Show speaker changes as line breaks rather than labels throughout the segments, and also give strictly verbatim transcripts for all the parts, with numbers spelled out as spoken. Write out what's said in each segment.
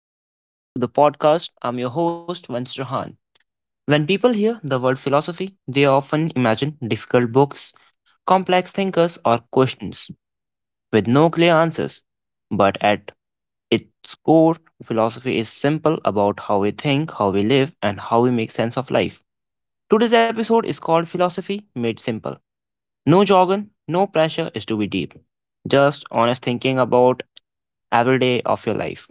Welcome back to the podcast. I'm your host, Vance Johan. When people hear the word philosophy, they often imagine difficult books, complex thinkers, or questions with no clear answers. But at its core, philosophy is simple about how we think, how we live, and how we make sense of life. Today's episode is called Philosophy Made Simple. No jargon, no pressure is to be deep. Just honest thinking about every day of your life.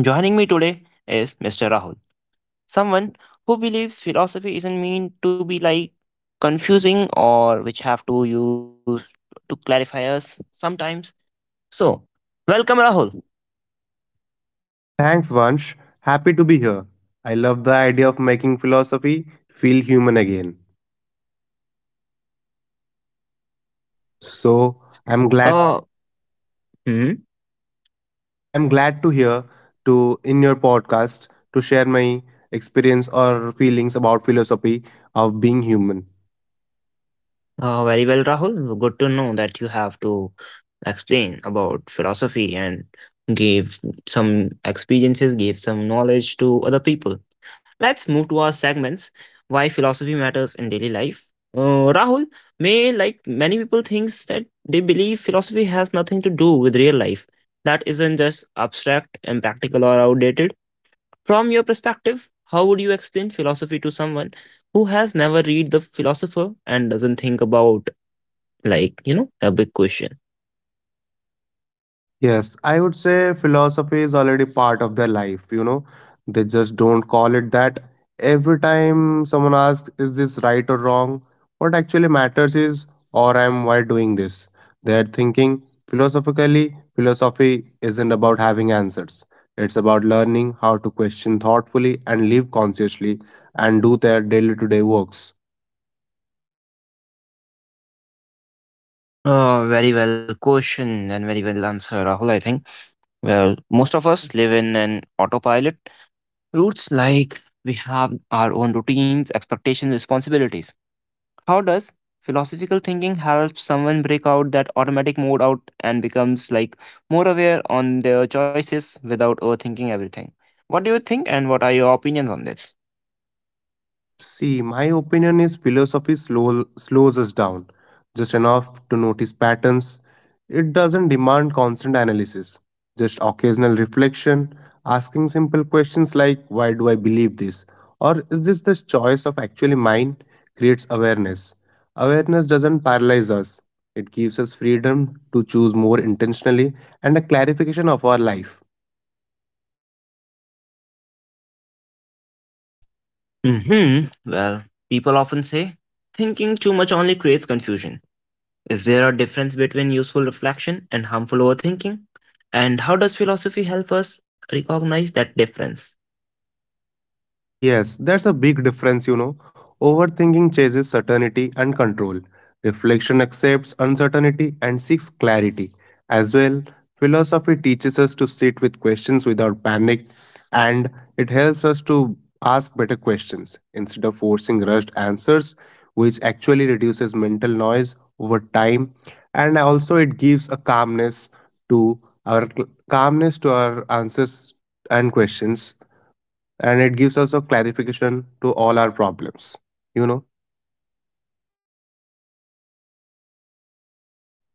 Joining me today is mister Rahul. Someone who believes philosophy isn't mean to be like confusing or which have to use to clarify us sometimes. So, welcome Rahul.
Thanks, Vansh. Happy to be here. I love the idea of making philosophy feel human again. So I'm glad.
Uh, hmm?
So I'm glad to hear to in your podcast to share my experience or feelings about philosophy of being human.
Uh, very well, Rahul. Good to know that you have to explain about philosophy and give some experiences, give some knowledge to other people. Let's move to our segments. Why philosophy matters in daily life. Uh, Rahul, may like many people thinks that they believe philosophy has nothing to do with real life. That isn't just abstract, impractical, or outdated. From your perspective, how would you explain philosophy to someone who has never read the philosopher and doesn't think about, like, you know, a big question.
Yes, I would say philosophy is already part of their life, you know. They just don't call it that. Every time someone asks, is this right or wrong? What actually matters is, or I'm why doing this? They're thinking philosophically, philosophy isn't about having answers. It's about learning how to question thoughtfully and live consciously and do their daily to day works.
Oh, very well question and very well answer, Rahul, I think. Well, most of us live in an autopilot routes like we have our own routines, expectations, responsibilities. How does philosophical thinking help someone break out that automatic mode out and becomes like more aware on their choices without overthinking everything? What do you think and what are your opinions on this?
See, my opinion is philosophy slow, slows us down just enough to notice patterns. It doesn't demand constant analysis, just occasional reflection, asking simple questions like, why do I believe this? Or is this the choice of actually mine? Creates awareness. Awareness doesn't paralyze us, it gives us freedom to choose more intentionally and a clarification of our life.
hmm Well, people often say thinking too much only creates confusion. Is there a difference between useful reflection and harmful overthinking? And how does philosophy help us recognize that difference?
Yes, that's a big difference, you know. Overthinking chases certainty and control. Reflection accepts uncertainty and seeks clarity. As well, philosophy teaches us to sit with questions without panic and it helps us to ask better questions instead of forcing rushed answers, which actually reduces mental noise over time, and also it gives a calmness to our calmness to our answers and questions, and it gives us a clarification to all our problems you know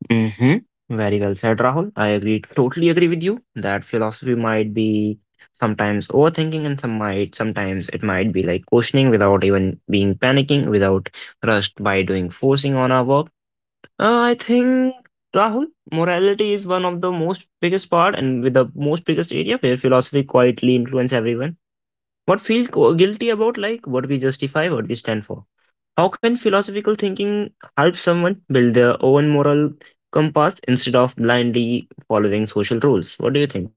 hmm Very well said, Rahul. I agree, totally agree with you that philosophy might be sometimes overthinking and some might sometimes it might be like questioning without even being panicking, without rushed by doing forcing on our work. Uh, I think Rahul, morality is one of the most biggest part and with the most biggest area where philosophy quietly influence everyone. What feels gu- guilty about like what we justify, what we stand for. How can philosophical thinking help someone build their own moral compass instead of blindly following social rules? What do you think?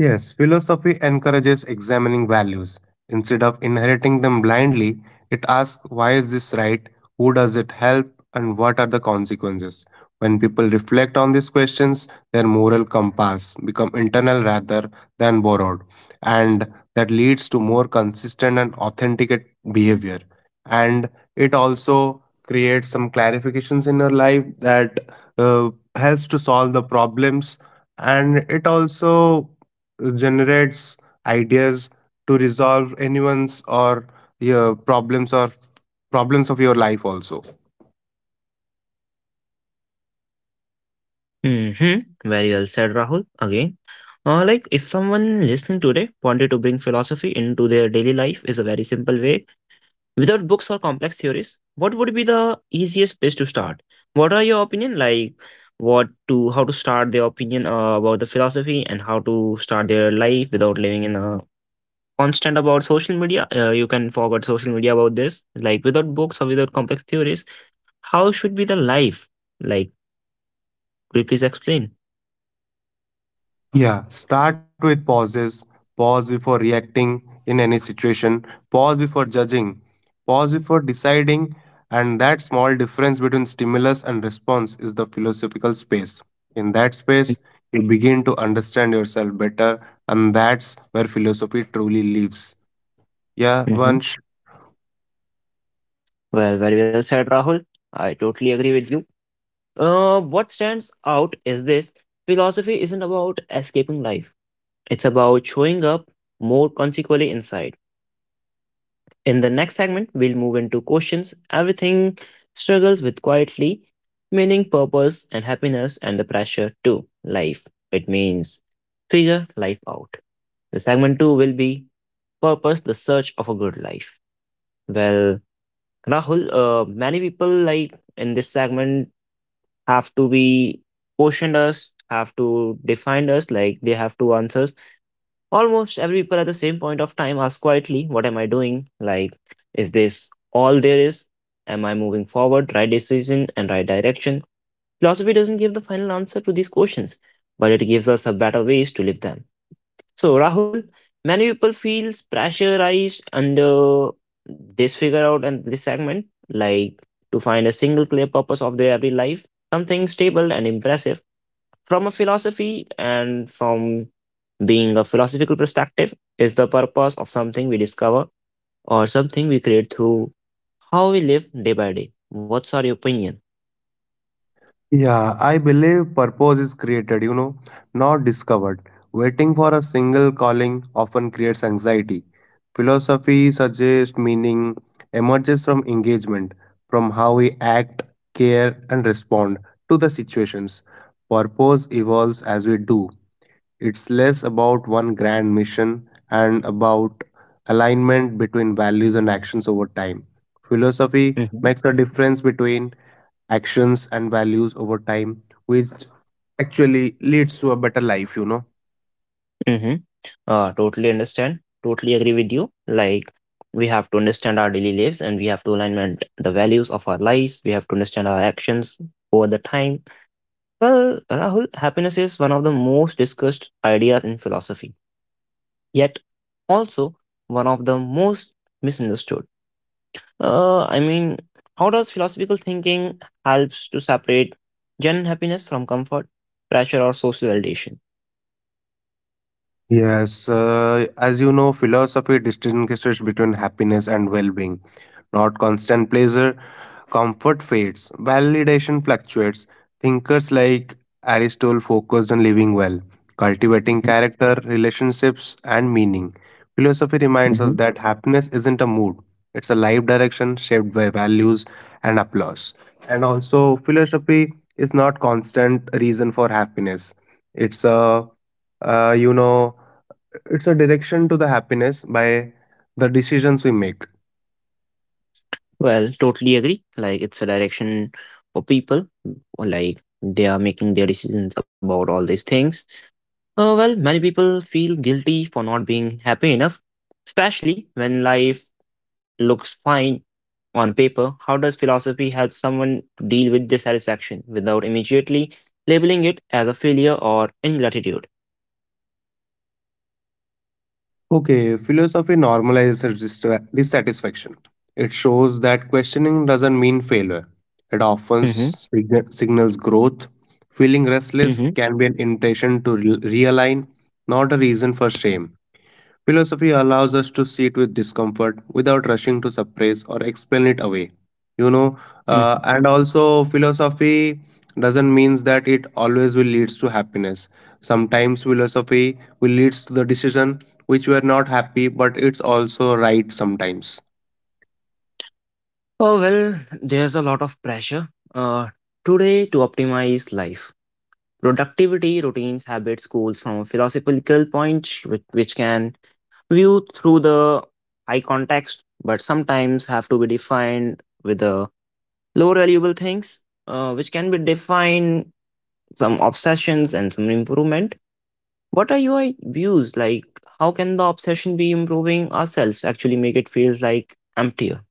Yes, philosophy encourages examining values. Instead of inheriting them blindly, it asks why is this right, who does it help, and what are the consequences. When people reflect on these questions, their moral compass become internal rather than borrowed, and that leads to more consistent and authentic behavior. And it also creates some clarifications in your life that uh, helps to solve the problems, and it also generates ideas to resolve anyone's or your problems or problems of your life also.
hmm Very well said, Rahul. Again, uh, like if someone listening today wanted to bring philosophy into their daily life, is a very simple way. Without books or complex theories, what would be the easiest place to start? What are your opinion like? What to how to start their opinion uh, about the philosophy and how to start their life without living in a constant about social media? Uh, you can forward social media about this. Like without books or without complex theories, how should be the life? Like, could you please explain?
Yeah, start with pauses. Pause before reacting in any situation. Pause before judging. Pause before deciding. And that small difference between stimulus and response is the philosophical space. In that space, you begin to understand yourself better, and that's where philosophy truly lives. Yeah,
Mm-hmm.
Vansh.
Well, very well said, Rahul. I totally agree with you. Uh, what stands out is this philosophy isn't about escaping life. It's about showing up more consequently inside. In the next segment, we'll move into questions everything struggles with quietly, meaning purpose and happiness and the pressure to life. It means figure life out. The segment two will be purpose, the search of a good life. Well, Rahul, uh, many people like in this segment have to be questioned us, have to define us, like they have to answer. Almost every people at the same point of time ask quietly, what am I doing? Like, is this all there is? Am I moving forward? Right decision and right direction? Philosophy doesn't give the final answer to these questions, but it gives us a better ways to live them. So, Rahul, many people feel pressurized under this figure out and this segment, like to find a single clear purpose of their every life, something stable and impressive from a philosophy and from being a philosophical perspective is the purpose of something we discover or something we create through how we live day by day, what's our opinion.
Yeah, I believe purpose is created, you know, not discovered. Waiting for a single calling often creates anxiety. Philosophy suggests meaning emerges from engagement, from how we act, care, and respond to the situations. Purpose evolves as we do, it's less about one grand mission and about alignment between values and actions over time. Philosophy
Mm-hmm.
makes a difference between actions and values over time, which actually leads to a better life, you know.
Mm-hmm. Uh, totally understand totally agree with you like we have to understand our daily lives and we have to alignment the values of our lives, we have to understand our actions over the time. Well, Rahul, happiness is one of the most discussed ideas in philosophy, yet also one of the most misunderstood. Uh, I mean, how does philosophical thinking helps to separate genuine happiness from comfort, pressure, or social validation?
Yes, uh, as you know, philosophy distinguishes between happiness and well being. Not constant pleasure, comfort fades, validation fluctuates. Thinkers like Aristotle focused on living well, cultivating character, relationships, and meaning. Philosophy reminds us
hmm
that happiness isn't a mood, it's a life direction shaped by values and applause. And also, philosophy is not constant reason for happiness. It's a uh, you know it's a direction to the happiness by the decisions we make.
Well, totally agree. Like it's a direction for people, like they are making their decisions about all these things. Uh, well, many people feel guilty for not being happy enough, especially when life looks fine on paper. How does philosophy help someone to deal with dissatisfaction without immediately labeling it as a failure or ingratitude?
Okay, philosophy normalizes distra- dissatisfaction, it shows that questioning doesn't mean failure, it often
hmm
sig- signals growth, feeling restless
hmm
can be an invitation to re- realign, not a reason for shame. Philosophy allows us to sit with discomfort without rushing to suppress or explain it away. You know, uh, and also philosophy doesn't means that it always will leads to happiness. Sometimes philosophy will leads to the decision which we are not happy, but it's also right sometimes.
Oh, well, there's a lot of pressure uh, today to optimize life. Productivity, routines, habits, goals from a philosophical point, which, which can view through the high context, but sometimes have to be defined with the lower valuable things, uh, which can be defined some obsessions and some improvement. What are your views? Like, how can the obsession be improving ourselves? Actually, make it feels like emptier.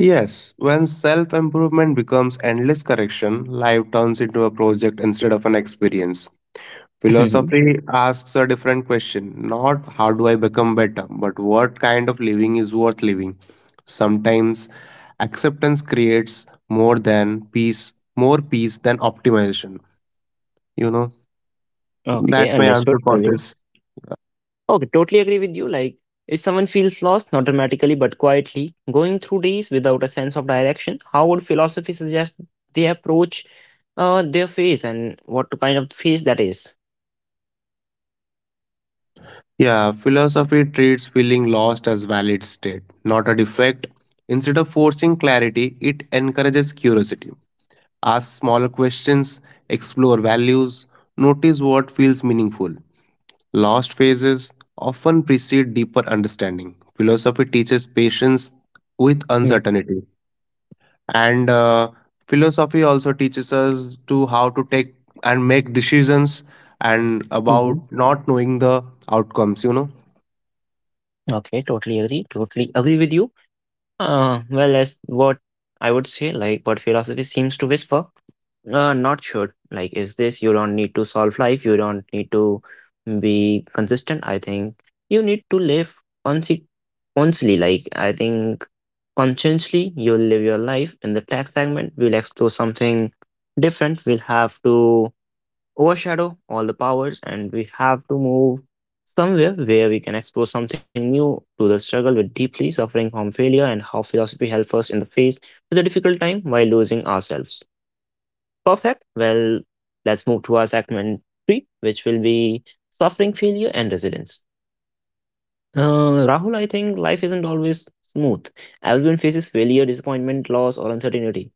Yes, when self improvement becomes endless correction, life turns into a project instead of an experience.
Mhm.
Philosophy asks a different question, not how do I become better, but what kind of living is worth living. Sometimes acceptance creates more than peace, more peace than optimization. You know,
Okay,
that my
understood
answer for
fully.
this.
Okay, totally agree with you. Like, if someone feels lost, not dramatically but quietly, going through days without a sense of direction, how would philosophy suggest they approach uh, their phase and what kind of phase that is?
Yeah, philosophy treats feeling lost as valid state, not a defect. Instead of forcing clarity, it encourages curiosity. Ask smaller questions, explore values, notice what feels meaningful. Lost phases often precede deeper understanding. Philosophy teaches patience with uncertainty, and uh, philosophy also teaches us to how to take and make decisions and about
Mm-hmm.
not knowing the outcomes. You know.
Okay, totally agree. Totally agree with you? Uh, well, as what I would say, like what philosophy seems to whisper, uh, not sure. Like, is this you don't need to solve life, you don't need to be consistent. I think you need to live consequently. Like, I think consciously, you'll live your life. In the tax segment, we'll explore something different. We'll have to overshadow all the powers, and we have to move somewhere where we can explore something new to the struggle with deeply suffering from failure and how philosophy helps us in the face with a difficult time while losing ourselves. Perfect. Well, let's move to our segment three, which will be suffering, failure, and resilience. Uh, Rahul, I think life isn't always smooth. Everyone faces failure, disappointment, loss, or uncertainty.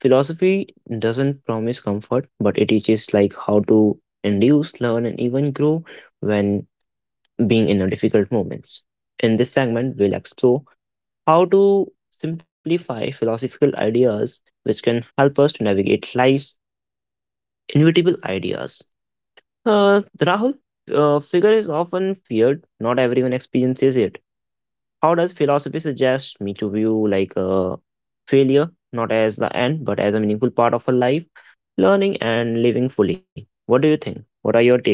Philosophy doesn't promise comfort, but it teaches like how to induce, learn, and even grow when being in a difficult moments. In this segment, we'll explore how to simplify philosophical ideas which can help us to navigate life's inevitable ideas. Uh, Rahul, uh, figure is often feared. Not everyone experiences it. How does philosophy suggest me to view like a failure not as the end but as a meaningful part of a life, learning and living fully? What do you think? What are your take?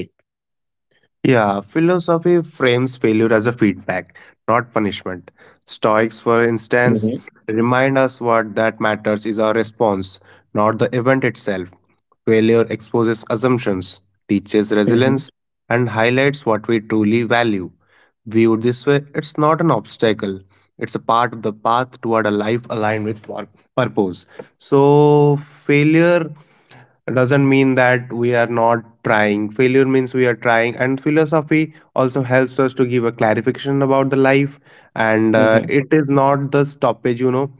Yeah, philosophy frames failure as a feedback, not punishment. Stoics, for instance,
Mm-hmm.
remind us what that matters is our response, not the event itself. Failure exposes assumptions, teaches
Mm-hmm.
resilience, and highlights what we truly value. Viewed this way, it's not an obstacle. It's a part of the path toward a life aligned with pur- purpose. So, failure doesn't mean that we are not trying. Failure means we are trying. And philosophy also helps us to give a clarification about the life. And uh,
Mm-hmm.
it is not the stoppage, you know.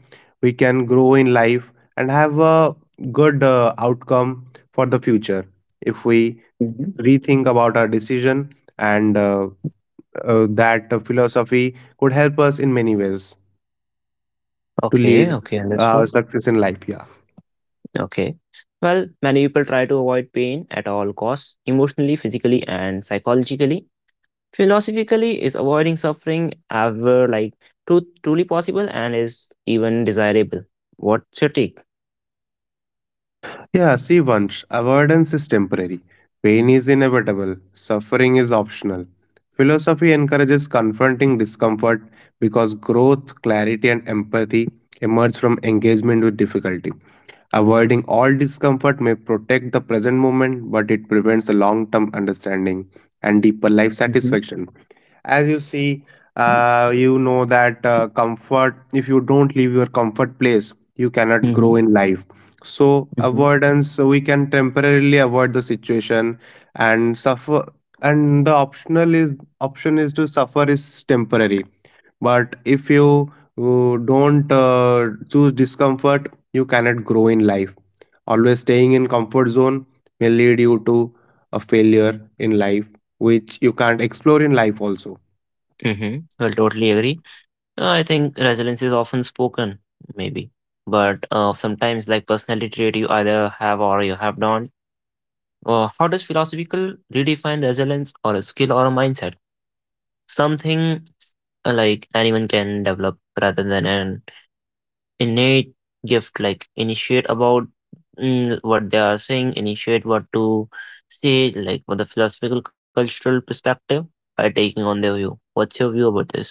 We can grow in life and have a good uh, outcome for the future if we
Mm-hmm.
rethink about our decision and uh, uh, that the philosophy could help us in many ways to
Okay.
lead
Okay.
our
Understood.
success in life. Yeah.
Okay. Well, many people try to avoid pain at all costs, emotionally, physically, and psychologically. Philosophically, is avoiding suffering ever like tru- truly possible and is even desirable? What's your take?
Yeah. See, once avoidance is temporary, pain is inevitable, suffering is optional. Philosophy encourages confronting discomfort because growth, clarity, and empathy emerge from engagement with difficulty. Avoiding all discomfort may protect the present moment, but it prevents a long term understanding and deeper life
Mm-hmm.
satisfaction. As you see, uh, you know that uh, comfort, if you don't leave your comfort place you cannot
Mm-hmm.
grow in life, so avoidance, so we can temporarily avoid the situation and suffer, and the optional is option is to suffer is temporary, but if you uh, don't uh, choose discomfort you cannot grow in life, always staying in comfort zone may lead you to a failure in life which you can't explore in life also.
Mhm. Well, totally agree. Uh, I think resilience is often spoken, maybe, but uh, sometimes like personality trait you either have or you have not. Uh, how does philosophical redefine resilience or a skill or a mindset? Something uh, like anyone can develop rather than an innate gift. Like initiate about mm, what they are saying, initiate what to say, like with the philosophical cultural perspective by taking on their view. What's your view about this?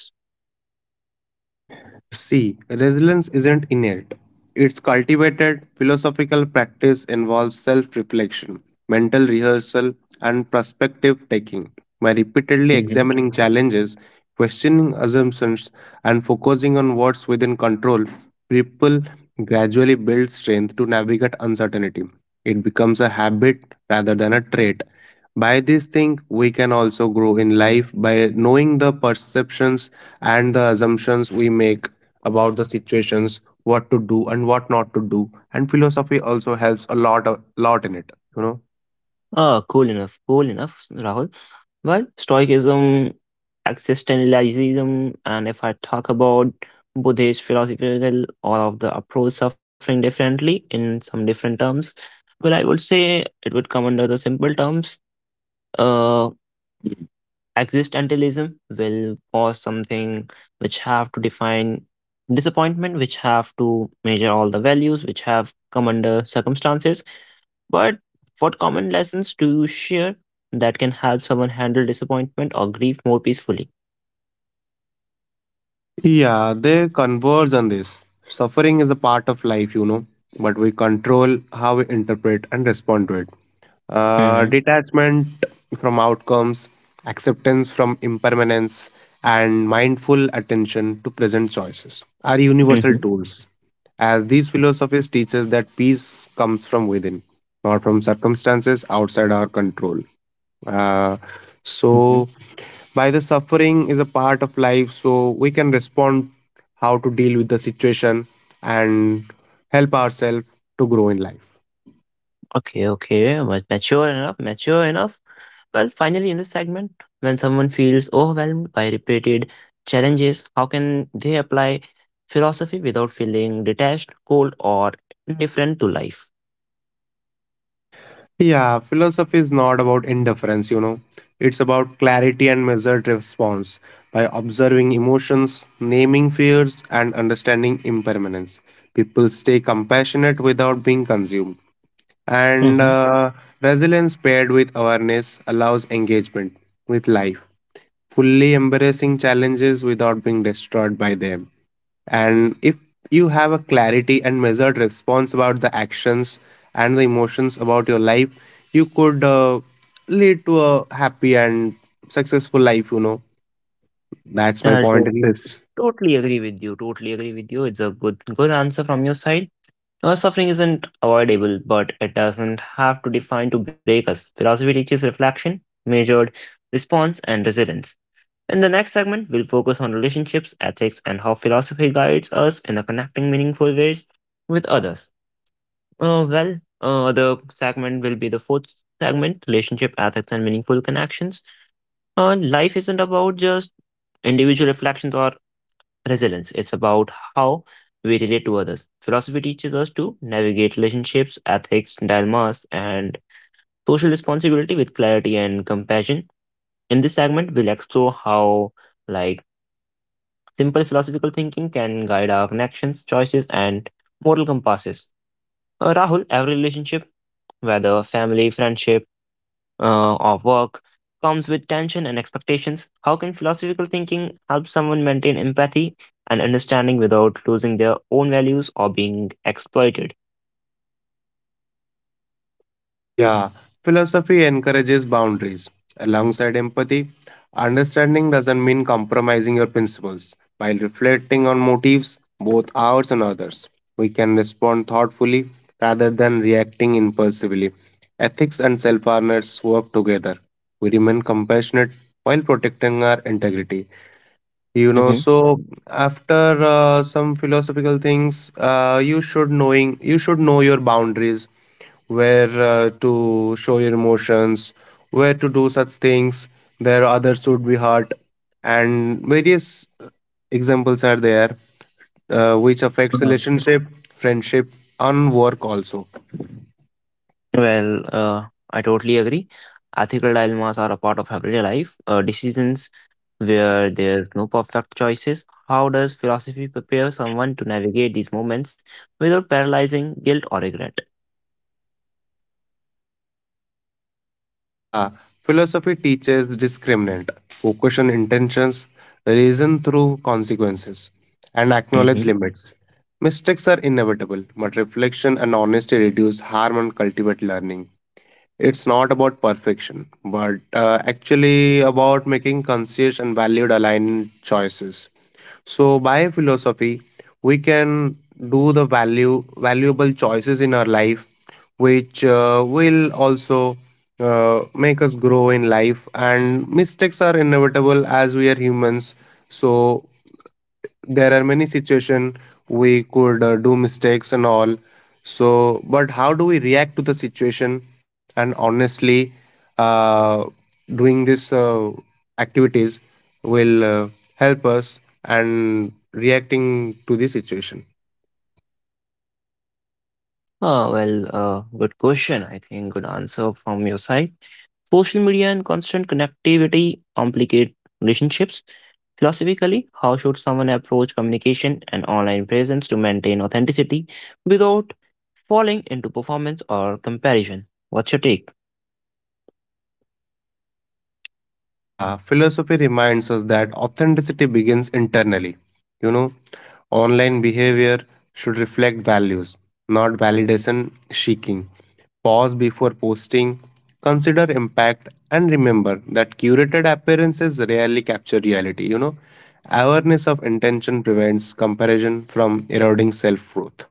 See, resilience isn't innate. It's cultivated. Philosophical practice involves self reflection, mental rehearsal, and perspective taking. By repeatedly examining challenges, questioning assumptions, and focusing on what's within control, people gradually build strength to navigate uncertainty. It becomes a habit rather than a trait. By this thing, we can also grow in life by knowing the perceptions and the assumptions we make about the situations, what to do and what not to do. And philosophy also helps a lot, a lot in it, you know.
Uh, cool enough, cool enough, Rahul. Well, Stoicism, existentialism, and if I talk about Buddhist philosophical, all of the approach suffering differently in some different terms. Well, I would say it would come under the simple terms. Uh, Existentialism will cause something which have to define disappointment, which have to measure all the values, which have come under circumstances. But what common lessons do you share that can help someone handle disappointment or grief more peacefully?
Yeah, they converge on this. Suffering is a part of life, you know, but we control how we interpret and respond to it.
Mm-hmm.
Uh, detachment from outcomes, acceptance from impermanence, and mindful attention to present choices are universal
Mm-hmm.
tools, as these philosophies teach us that peace comes from within, not from circumstances outside our control. Uh,
Mm-hmm.
so, by the suffering is a part of life, so we can respond how to deal with the situation and help ourselves to grow in life.
Okay, okay. ma- Mature enough, mature enough. Well, finally, in this segment, when someone feels overwhelmed by repeated challenges, how can they apply philosophy without feeling detached, cold, or indifferent to life?
Yeah, philosophy is not about indifference, you know. It's about clarity and measured response by observing emotions, naming fears, and understanding impermanence. People stay compassionate without being consumed. And
Mm-hmm.
uh, resilience paired with awareness allows engagement with life, fully embracing challenges without being destroyed by them. And if you have a clarity and measured response about the actions and the emotions about your life, you could uh, lead to a happy and successful life, you know. That's my
I
point
to-
in this.
Totally agree with you. Totally agree with you. It's a good, good answer from your side. Now, suffering isn't avoidable, but it doesn't have to define to break us. Philosophy teaches reflection, measured response, and resilience. In the next segment, we'll focus on relationships, ethics, and how philosophy guides us in a connecting meaningful ways with others. Uh, well, uh, the segment will be the fourth segment relationship, ethics, and meaningful connections. Uh, life isn't about just individual reflections or resilience. It's about how we relate to others. Philosophy teaches us to navigate relationships, ethics, dilemmas, and social responsibility with clarity and compassion. In this segment, we'll explore how, like, simple philosophical thinking can guide our connections, choices, and moral compasses. Uh, Rahul, every relationship, whether family, friendship, uh, of work comes with tension and expectations. How can philosophical thinking help someone maintain empathy and understanding without losing their own values or being exploited?
Yeah, philosophy encourages boundaries. Alongside empathy, understanding doesn't mean compromising your principles. While reflecting on motives, both ours and others, we can respond thoughtfully rather than reacting impulsively. Ethics and self awareness work together. We remain compassionate while protecting our integrity. You know,
Hmm.
so after uh, some philosophical things, uh, you should knowing you should know your boundaries, where uh, to show your emotions, where to do such things. There others should be hurt, and various examples are there, uh, which affects
Mhm.
relationship, friendship, and work also.
Well, uh, I totally agree. Ethical dilemmas are a part of everyday life, uh, decisions where there's no perfect choices. How does philosophy prepare someone to navigate these moments without paralyzing guilt or regret?
Yeah, philosophy teaches discriminant, focus on intentions, reason through consequences, and acknowledge
Mm-hmm.
limits. Mistakes are inevitable, but reflection and honesty reduce harm and cultivate learning. It's not about perfection, but uh, actually about making conscious and valued aligned choices. So by philosophy, we can do the value valuable choices in our life, which uh, will also uh, make us grow in life. And mistakes are inevitable as we are humans. So there are many situation we could uh, do mistakes and all, so but how do we react to the situation, and honestly, uh, doing this uh, activities will uh, help us and reacting to the situation.
Uh, well, uh, good question. I think good answer from your side. Social media and constant connectivity complicate relationships. Philosophically, how should someone approach communication and online presence to maintain authenticity without falling into performance or comparison? What's your take?
Yeah, philosophy reminds us that authenticity begins internally. You know, online behavior should reflect values, not validation seeking. Pause before posting, consider impact, and remember that curated appearances rarely capture reality. You know, awareness of intention prevents comparison from eroding self worth.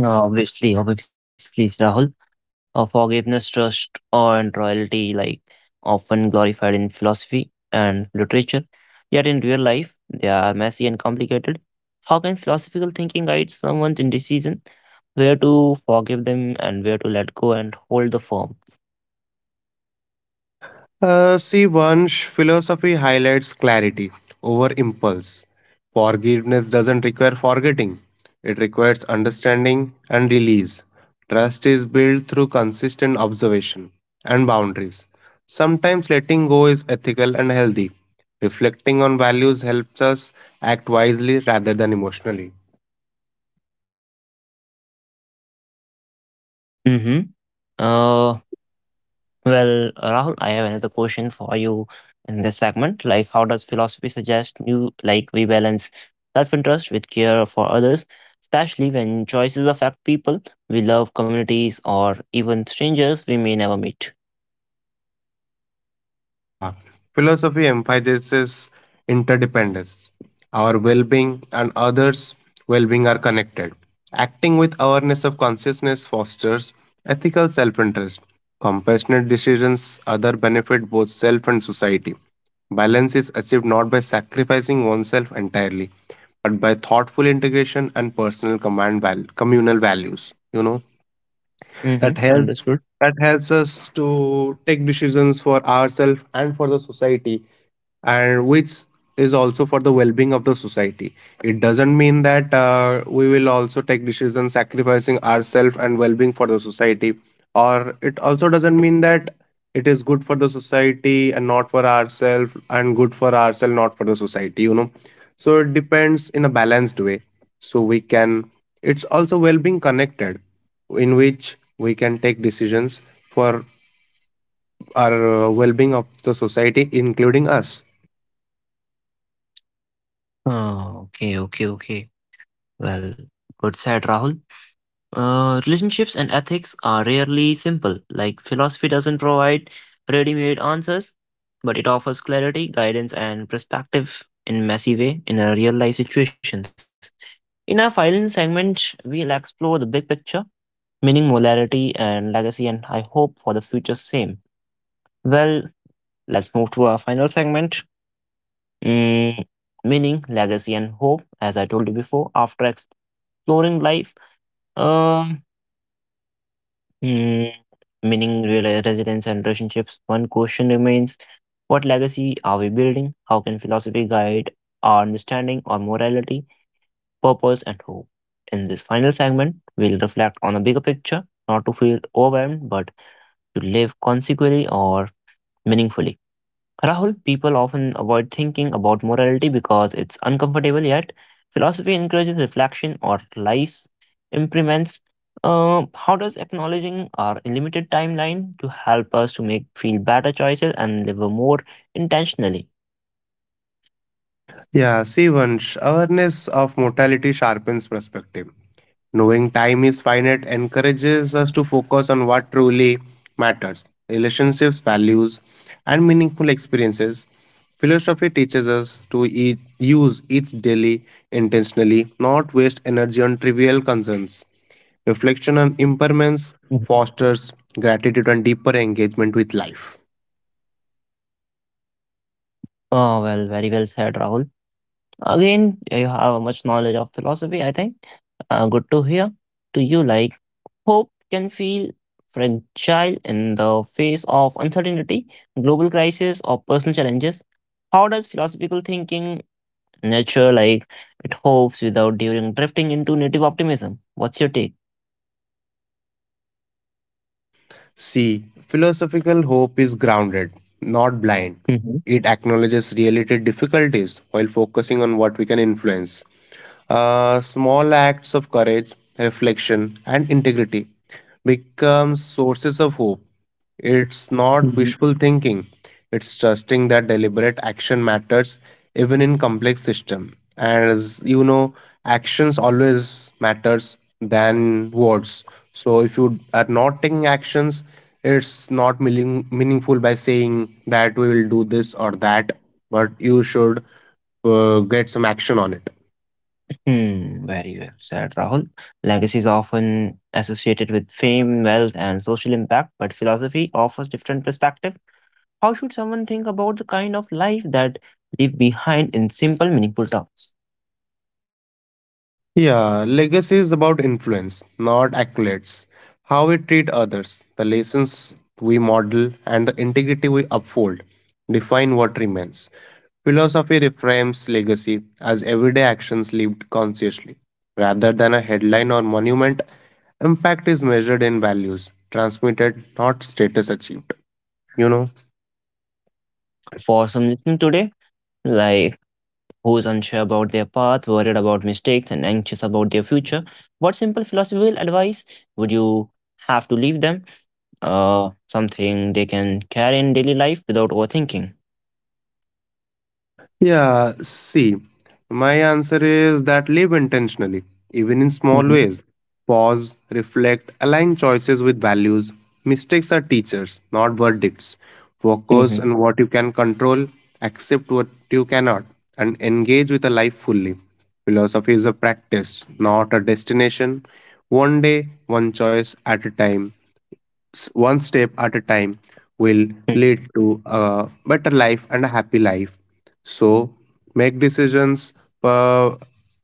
No, obviously, obviously, Rahul. Uh, forgiveness, trust, awe, and royalty, like often glorified in philosophy and literature, yet in real life, they are messy and complicated. How can philosophical thinking guide someone's indecision, where to forgive them and where to let go and hold the firm?
Uh, see, Vansh, philosophy highlights clarity over impulse. Forgiveness doesn't require forgetting, it requires understanding and release. Trust is built through consistent observation and boundaries. Sometimes letting go is ethical and healthy. Reflecting on values helps us act wisely rather than emotionally.
Mm-hmm. Well, Rahul, I have another question for you in this segment. Like, how does philosophy suggest you like we balance self-interest with care for others, especially when choices affect people we love, communities, or even strangers we may never meet?
Yeah, philosophy emphasizes interdependence. Our well being and others' well being are connected. Acting with awareness of consciousness fosters ethical self interest. Compassionate decisions, other benefit both self and society. Balance is achieved not by sacrificing oneself entirely, but by thoughtful integration and personal command val- communal values. You know? that
Mm-hmm.
helps
Understood.
that helps us to take decisions for ourselves and for the society, and which is also for the well-being of the society. It doesn't mean that uh, we will also take decisions sacrificing ourselves and well-being for the society, or it also doesn't mean that it is good for the society and not for ourselves and good for ourselves not for the society, you know so it depends in a balanced way, so we can it's also well-being connected in which we can take decisions for our uh, well-being of the society including us.
Oh, okay, okay, okay. Well, good said, Rahul. Uh, relationships and ethics are rarely simple. Like, philosophy doesn't provide ready made answers, but it offers clarity, guidance, and perspective in messy way in a real life situations. In our final segment, we'll explore the big picture, meaning, molarity, and legacy, and I hope for the future same. Well, let's move to our final segment, mm, meaning, legacy, and hope. As I told you before, after exploring life. Um Mm, Meaning real residence and relationships. One question remains, what legacy are we building? How can philosophy guide our understanding or morality, purpose, and hope? In this final segment, we'll reflect on a bigger picture, not to feel overwhelmed, but to live consequently or meaningfully. Rahul, people often avoid thinking about morality because it's uncomfortable, yet philosophy encourages reflection or life improvements. Uh, how does acknowledging our limited timeline to help us to make feel better choices and live more intentionally?
Yeah, see, Vansh, awareness of mortality sharpens perspective. Knowing time is finite encourages us to focus on what truly matters relationships, values, and meaningful experiences. Philosophy teaches us to eat, use each daily intentionally, not waste energy on trivial concerns. Reflection on
Mhm.
impermanence fosters gratitude and deeper engagement with life.
Oh, well, very well said, Rahul. Again, you have much knowledge of philosophy, I think. Uh, good to hear. Do you like hope can feel fragile in the face of uncertainty, global crisis, or personal challenges? How does philosophical thinking nurture, like, it hopes without during drifting into native optimism? What's your take?
C. Philosophical hope is grounded, not blind.
Mhm,
It acknowledges related difficulties while focusing on what we can influence. Uh, small acts of courage, reflection, and integrity become sources of hope, it's not
mhm.
wishful thinking. It's trusting that deliberate action matters even in complex system. As you know, actions always matters than words. So if you are not taking actions, it's not meaning, meaningful by saying that we will do this or that, but you should uh, get some action on it.
Hmm, very well said, Rahul. Legacy is often associated with fame, wealth, and social impact, but philosophy offers different perspective. How should someone think about the kind of life that leave behind in simple, meaningful terms?
Yeah, legacy is about influence, not accolades. How we treat others, the lessons we model, and the integrity we uphold define what remains. Philosophy reframes legacy as everyday actions lived consciously. Rather than a headline or monument, impact is measured in values transmitted, not status achieved. You know?
Hmm. For some listening today, like who's unsure about their path, worried about mistakes, and anxious about their future, what simple philosophical advice would you have to leave them? Uh, something they can carry in daily life without overthinking.
Yeah, see, my answer is that live intentionally, even in small
Mm-hmm.
ways. Pause, reflect, align choices with values. Mistakes are teachers, not verdicts. Focus
Mm-hmm.
on what you can control, accept what you cannot, and engage with a life fully. Philosophy is a practice, not a destination. One day, one choice at a time s- one step at a time will lead to a better life and a happy life, so make decisions uh,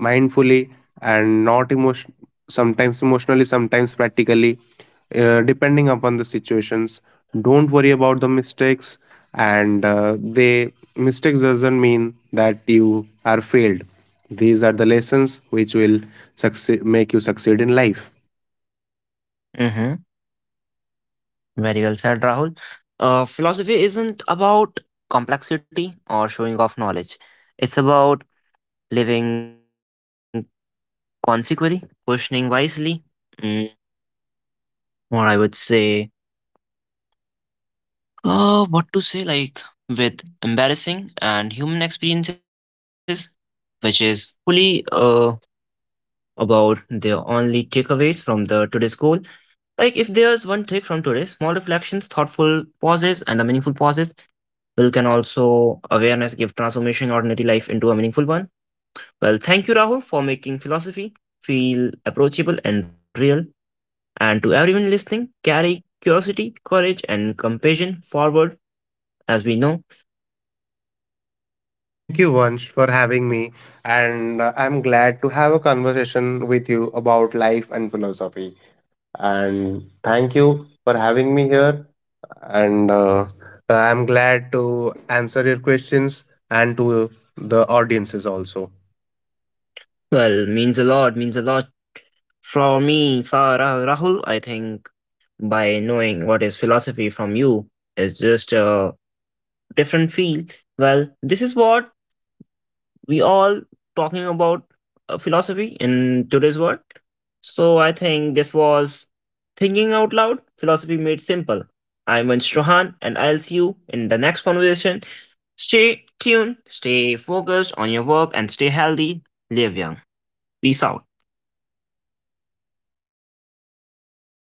mindfully and not emotion sometimes emotionally sometimes practically, uh, depending upon the situations. Don't worry about the mistakes, and uh, they mistakes doesn't mean that you are failed, these are the lessons which will succeed, make you succeed in life.
Mm-hmm. Very well said, Rahul. Uh, philosophy isn't about complexity or showing off knowledge. It's about living consequently, questioning wisely, mm, or I would say, uh, what to say, like with embarrassing and human experiences, which is fully uh, about the only takeaways from the today's goal. Like if there's one take from today, small reflections, thoughtful pauses, and the meaningful pauses will can also awareness give transformation ordinary life into a meaningful one. Well, thank you, Rahul, for making philosophy feel approachable and real. And to everyone listening, carry curiosity, courage, and compassion forward. As we know,
Thank you, Vansh, for having me. And uh, I'm glad to have a conversation with you about life and philosophy. And thank you for having me here. And uh, I'm glad to answer your questions and to the audiences also.
well, means a lot, means a lot. For me, sir Rahul, I think by knowing what is philosophy from you is just a different field. Well, this is what we all talking about uh, philosophy in today's world. So I think this was thinking out loud, philosophy made simple. I'm Vansh Rohan, and I'll see you in the next conversation. Stay tuned, stay focused on your work, and stay healthy. Live young. Peace out.